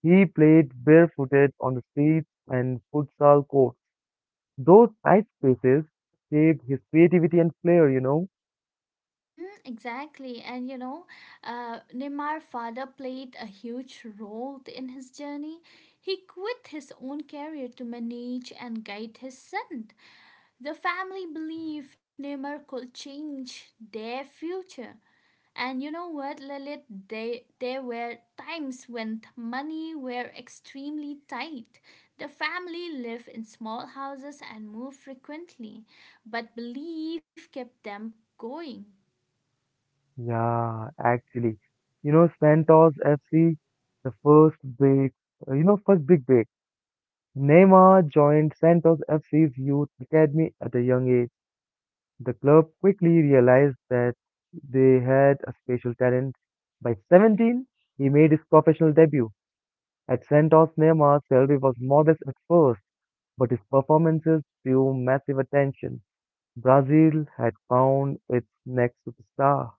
Speaker 1: He played barefooted on the streets and futsal courts. Those tight spaces shaped his creativity and flair, you know.
Speaker 2: Mm, exactly. And you know, uh, Neymar's father played a huge role in his journey. He quit his own career to manage and guide his son. The family belief never could change their future. And you know what, Lilith? They, there were times when th- money were extremely tight. The family lived in small houses and moved frequently, but belief kept them going.
Speaker 1: Yeah, actually, you know, Santos F C, the first big, uh, you know, first big break. Neymar joined Santos F C's youth academy at a young age. The club quickly realized that they had a special talent. By seventeen, he made his professional debut. At Santos, Neymar's salary was modest at first, but his performances drew massive attention. Brazil had found its next superstar.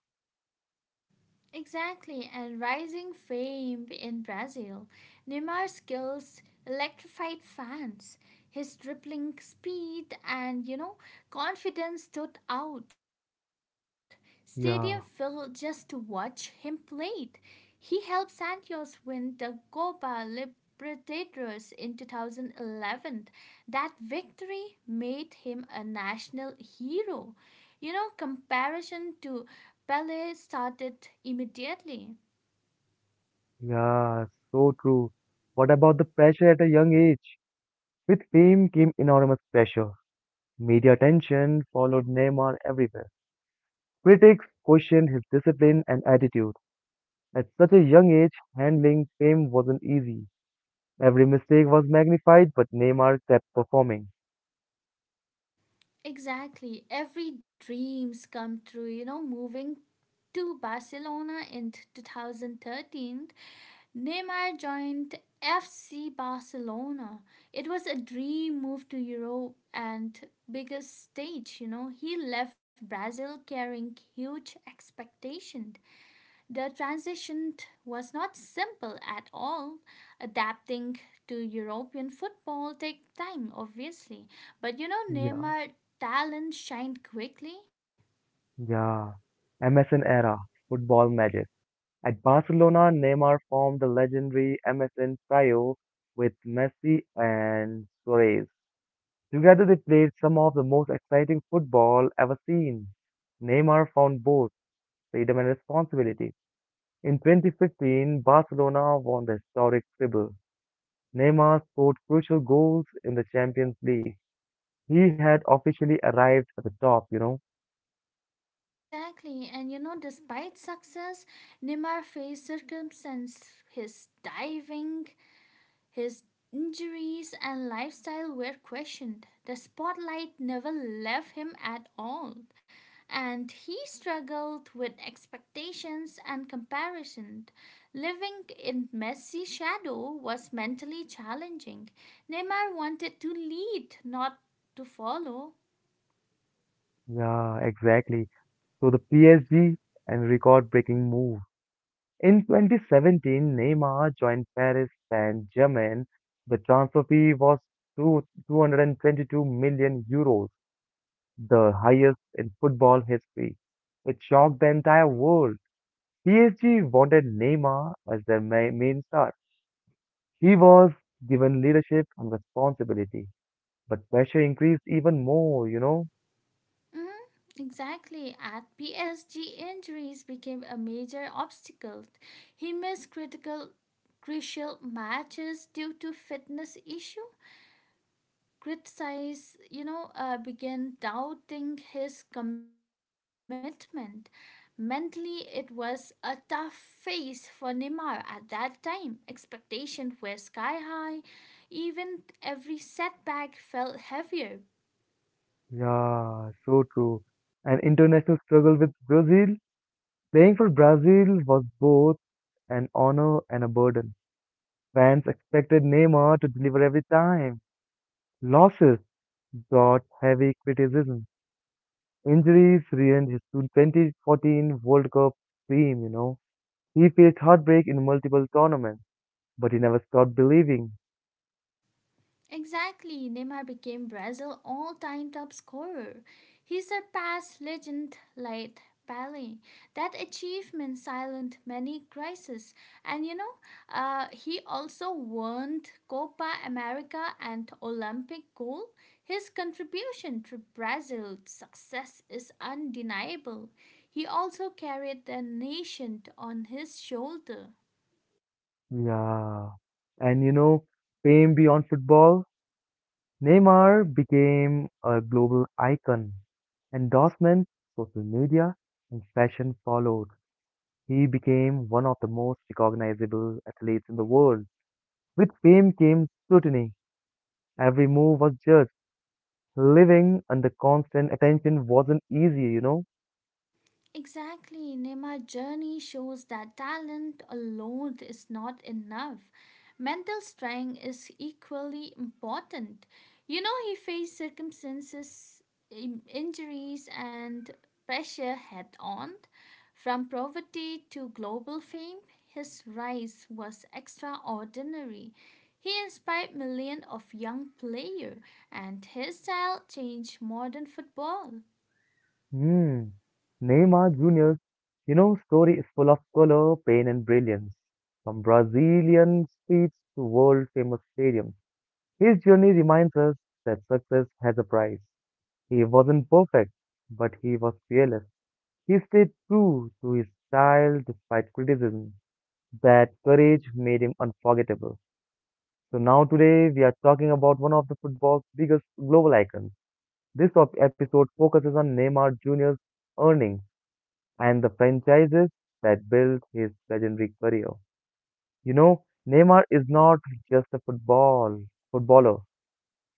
Speaker 2: Exactly, and rising fame in Brazil. Neymar's skills electrified fans. His dribbling speed and, you know, confidence stood out. Stadium filled just to
Speaker 1: Yeah.
Speaker 2: watch him play. He helped Santos win the Copa Libertadores in two thousand eleven. That victory made him a national hero. You know, comparison to Ballet started immediately.
Speaker 1: Yeah, so true. What about the pressure at a young age? With fame came enormous pressure. Media attention followed Neymar everywhere. Critics questioned his discipline and attitude. At such a young age, handling fame wasn't easy. Every mistake was magnified, but Neymar kept performing.
Speaker 2: Exactly. Every dreams come true, you know, moving to Barcelona in two thousand thirteen, Neymar joined F C Barcelona. It was a dream move to Europe and biggest stage, you know. He left Brazil carrying huge expectation. The transition was not simple at all. Adapting to European football take time, obviously. But you know,
Speaker 1: Yeah,
Speaker 2: Neymar talent shined quickly.
Speaker 1: yeah. M S N era, football magic. At Barcelona, Neymar formed the legendary M S N trio with Messi and Suarez. Together they played some of the most exciting football ever seen. Neymar found both freedom and responsibility. In twenty fifteen, Barcelona won the historic treble. Neymar scored crucial goals in the Champions League. He had officially arrived at the top, you know.
Speaker 2: Exactly, and you know, despite success, Neymar faced circumstances. His diving His injuries and lifestyle were questioned. The spotlight never left him at all, and he struggled with expectations and comparison. Living in Messi's shadow was mentally challenging. Neymar wanted to lead, not to follow.
Speaker 1: Yeah, exactly. So the P S G and record-breaking move. In twenty seventeen, Neymar joined Paris Saint-Germain. The transfer fee was two 222 million euros, the highest in football history. It shocked the entire world. P S G wanted Neymar as their ma- main star. He was given leadership and responsibility, but pressure increased even more, you know?
Speaker 2: Mhm. Exactly. At P S G, injuries became a major obstacle. He missed critical, crucial matches due to fitness issue. Criticize, you know, uh, began doubting his commitment. Mentally, it was a tough phase for Neymar at that time. Expectations were sky high. Even every setback felt heavier.
Speaker 1: Yeah, so true. An international struggle with Brazil. Playing for Brazil was both an honor and a burden. Fans expected Neymar to deliver every time. Losses brought heavy criticism. Injuries ruined his two thousand fourteen World Cup dream, you know. He faced heartbreak in multiple tournaments, but he never stopped believing.
Speaker 2: Exactly, Neymar became Brazil's all-time top scorer. He surpassed legend like Pelé. That achievement silenced many crises, and you know, uh, he also won Copa America and Olympic gold. His contribution to Brazil's success is undeniable. He also carried the nation on his shoulder.
Speaker 1: Yeah. And you know, fame beyond football, Neymar became a global icon. Endorsements, social media, and fashion followed. He became one of the most recognizable athletes in the world. With fame came scrutiny. Every move was judged. Living under constant attention wasn't easy, you know.
Speaker 2: Exactly, Nema's journey shows that talent alone is not enough. Mental strength is equally important. You know, he faced circumstances, in- injuries, and pressure head on. From poverty to global fame, his rise was extraordinary. He inspired millions of young players, and his style changed modern football.
Speaker 1: Hmm. Neymar Junior, you know, story is full of color, pain, and brilliance. From Brazilian streets to world-famous stadiums, his journey reminds us that success has a price. He wasn't perfect, but he was fearless. He stayed true to his style despite criticism. That courage made him unforgettable. So now today we are talking about one of the football's biggest global icons. This op- episode focuses on Neymar Junior's earnings, and the franchises that built his legendary career. You know, Neymar is not just a football footballer.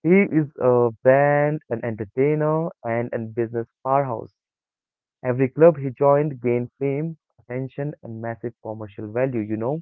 Speaker 1: He is a brand, an entertainer, and a business powerhouse. Every club he joined gained fame, attention, and massive commercial value, you know?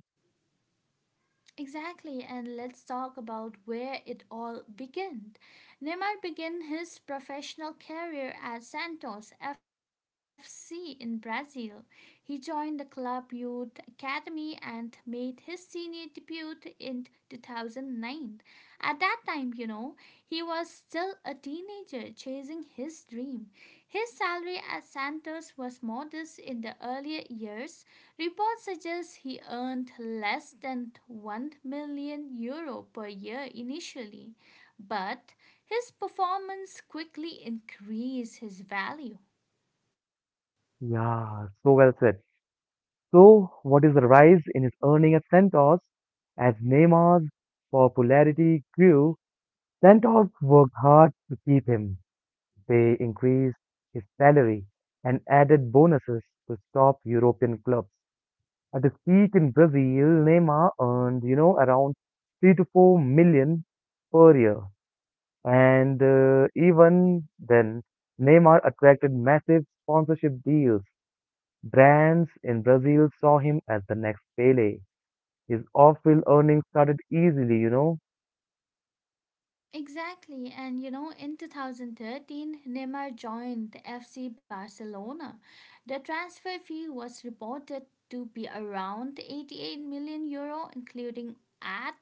Speaker 2: Exactly, and let's talk about where it all began. Neymar began his professional career at Santos F C in Brazil. He joined the club youth academy and made his senior debut in two thousand nine. At that time, you know, he was still a teenager chasing his dream. His salary at Santos was modest in the earlier years. Reports suggest he earned less than one million euro per year initially, but his performance quickly increased his value.
Speaker 1: Yeah, so well said. So, what is the rise in his earning at Santos? As Neymar's popularity grew, Santos worked hard to keep him. They increased his salary and added bonuses to top European clubs. At his peak in Brazil, Neymar earned, you know, around three to four million per year. And uh, even then, Neymar attracted massive sponsorship deals. Brands in Brazil saw him as the next Pele. His off-field earnings started easily, you know.
Speaker 2: Exactly, and you know, in two thousand thirteen, Neymar joined F C Barcelona. The transfer fee was reported to be around eighty-eight million euro, including ad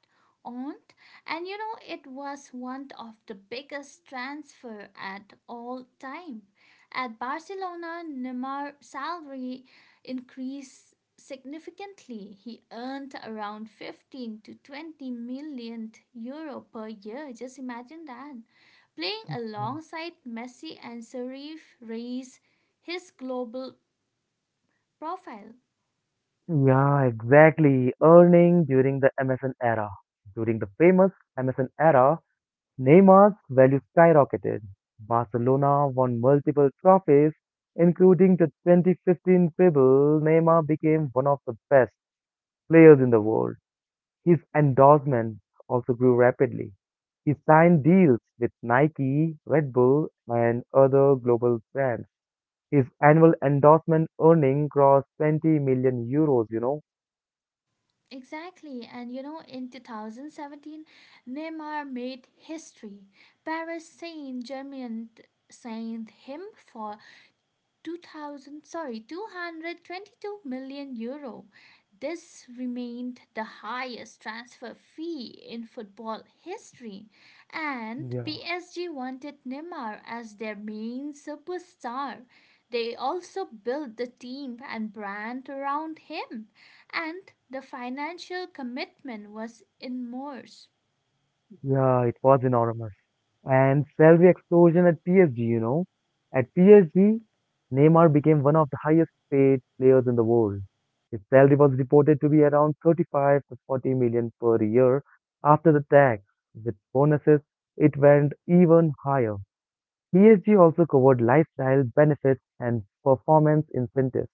Speaker 2: aunt, and you know it was one of the biggest transfer at all time. At Barcelona, Neymar's salary increased significantly. He earned around fifteen to twenty million euro per year. Just imagine that, playing alongside Messi and Serif raised his global profile.
Speaker 1: Yeah, exactly. Earning during the M S N era. During the famous M S N era, Neymar's value skyrocketed. Barcelona won multiple trophies, including the twenty fifteen Pebble. Neymar became one of the best players in the world. His endorsements also grew rapidly. He signed deals with Nike, Red Bull, and other global brands. His annual endorsement earning crossed twenty million euros, you know?
Speaker 2: Exactly, and you know, in two thousand seventeen, Neymar made history. Paris Saint Germain signed him for two thousand sorry two hundred twenty-two million euro. This remained the highest transfer fee in football history, and
Speaker 1: Yeah.
Speaker 2: P S G wanted Neymar as their main superstar. They also built the team and brand around him, and the financial commitment was immense.
Speaker 1: Yeah, it was enormous. And salary explosion at P S G, you know. At P S G, Neymar became one of the highest paid players in the world. His salary was reported to be around thirty-five to forty million per year after the tax. With bonuses, it went even higher. P S G also covered lifestyle benefits and performance incentives.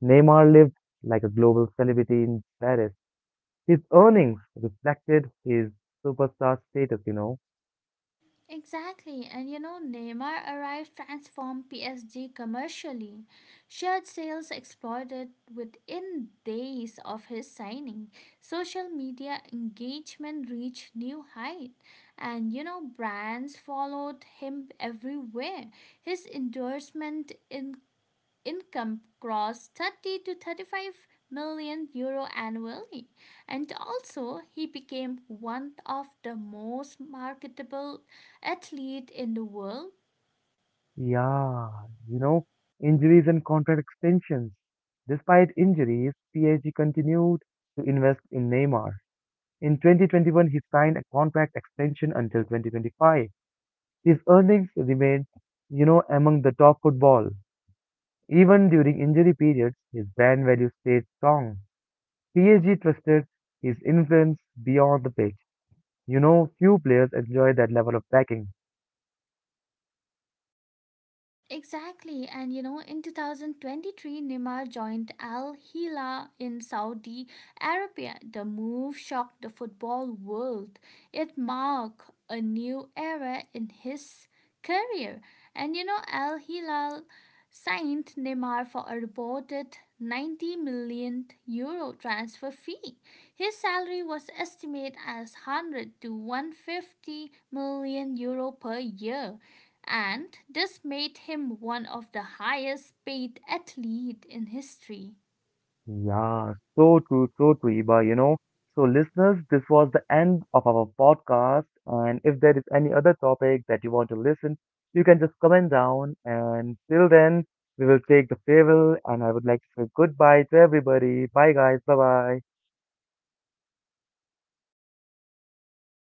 Speaker 1: Neymar lived like a global celebrity in Paris. His earnings reflected his superstar status, you know.
Speaker 2: Exactly, and you know, Neymar arrived transformed P S G commercially. Shirt sales exploded within days of his signing. Social media engagement reached new height, and you know, brands followed him everywhere. His endorsement in income crossed thirty to thirty-five million euro annually, and also he became one of the most marketable athlete in the world.
Speaker 1: Yeah, you know, injuries and contract extensions. Despite injuries, P S G continued to invest in Neymar. In twenty twenty-one, he signed a contract extension until twenty twenty-five. His earnings remained, you know, among the top football. Even during injury periods, his brand value stayed strong. P S G trusted his influence beyond the pitch. You know, few players enjoy that level of backing.
Speaker 2: Exactly, and you know, in twenty twenty-three, Neymar joined Al Hilal in Saudi Arabia. The move shocked the football world. It marked a new era in his career. And you know, Al Hilal signed Neymar for a reported ninety million euro transfer fee. His salary was estimated as one hundred to one hundred fifty million euro per year, and this made him one of the highest paid athletes in history.
Speaker 1: Yeah, so true, so true, Iba, you know. So listeners, this was the end of our podcast. And if there is any other topic that you want to listen, you can just comment down. And till then, we will take the farewell and I would like to say goodbye to everybody. Bye guys, bye bye.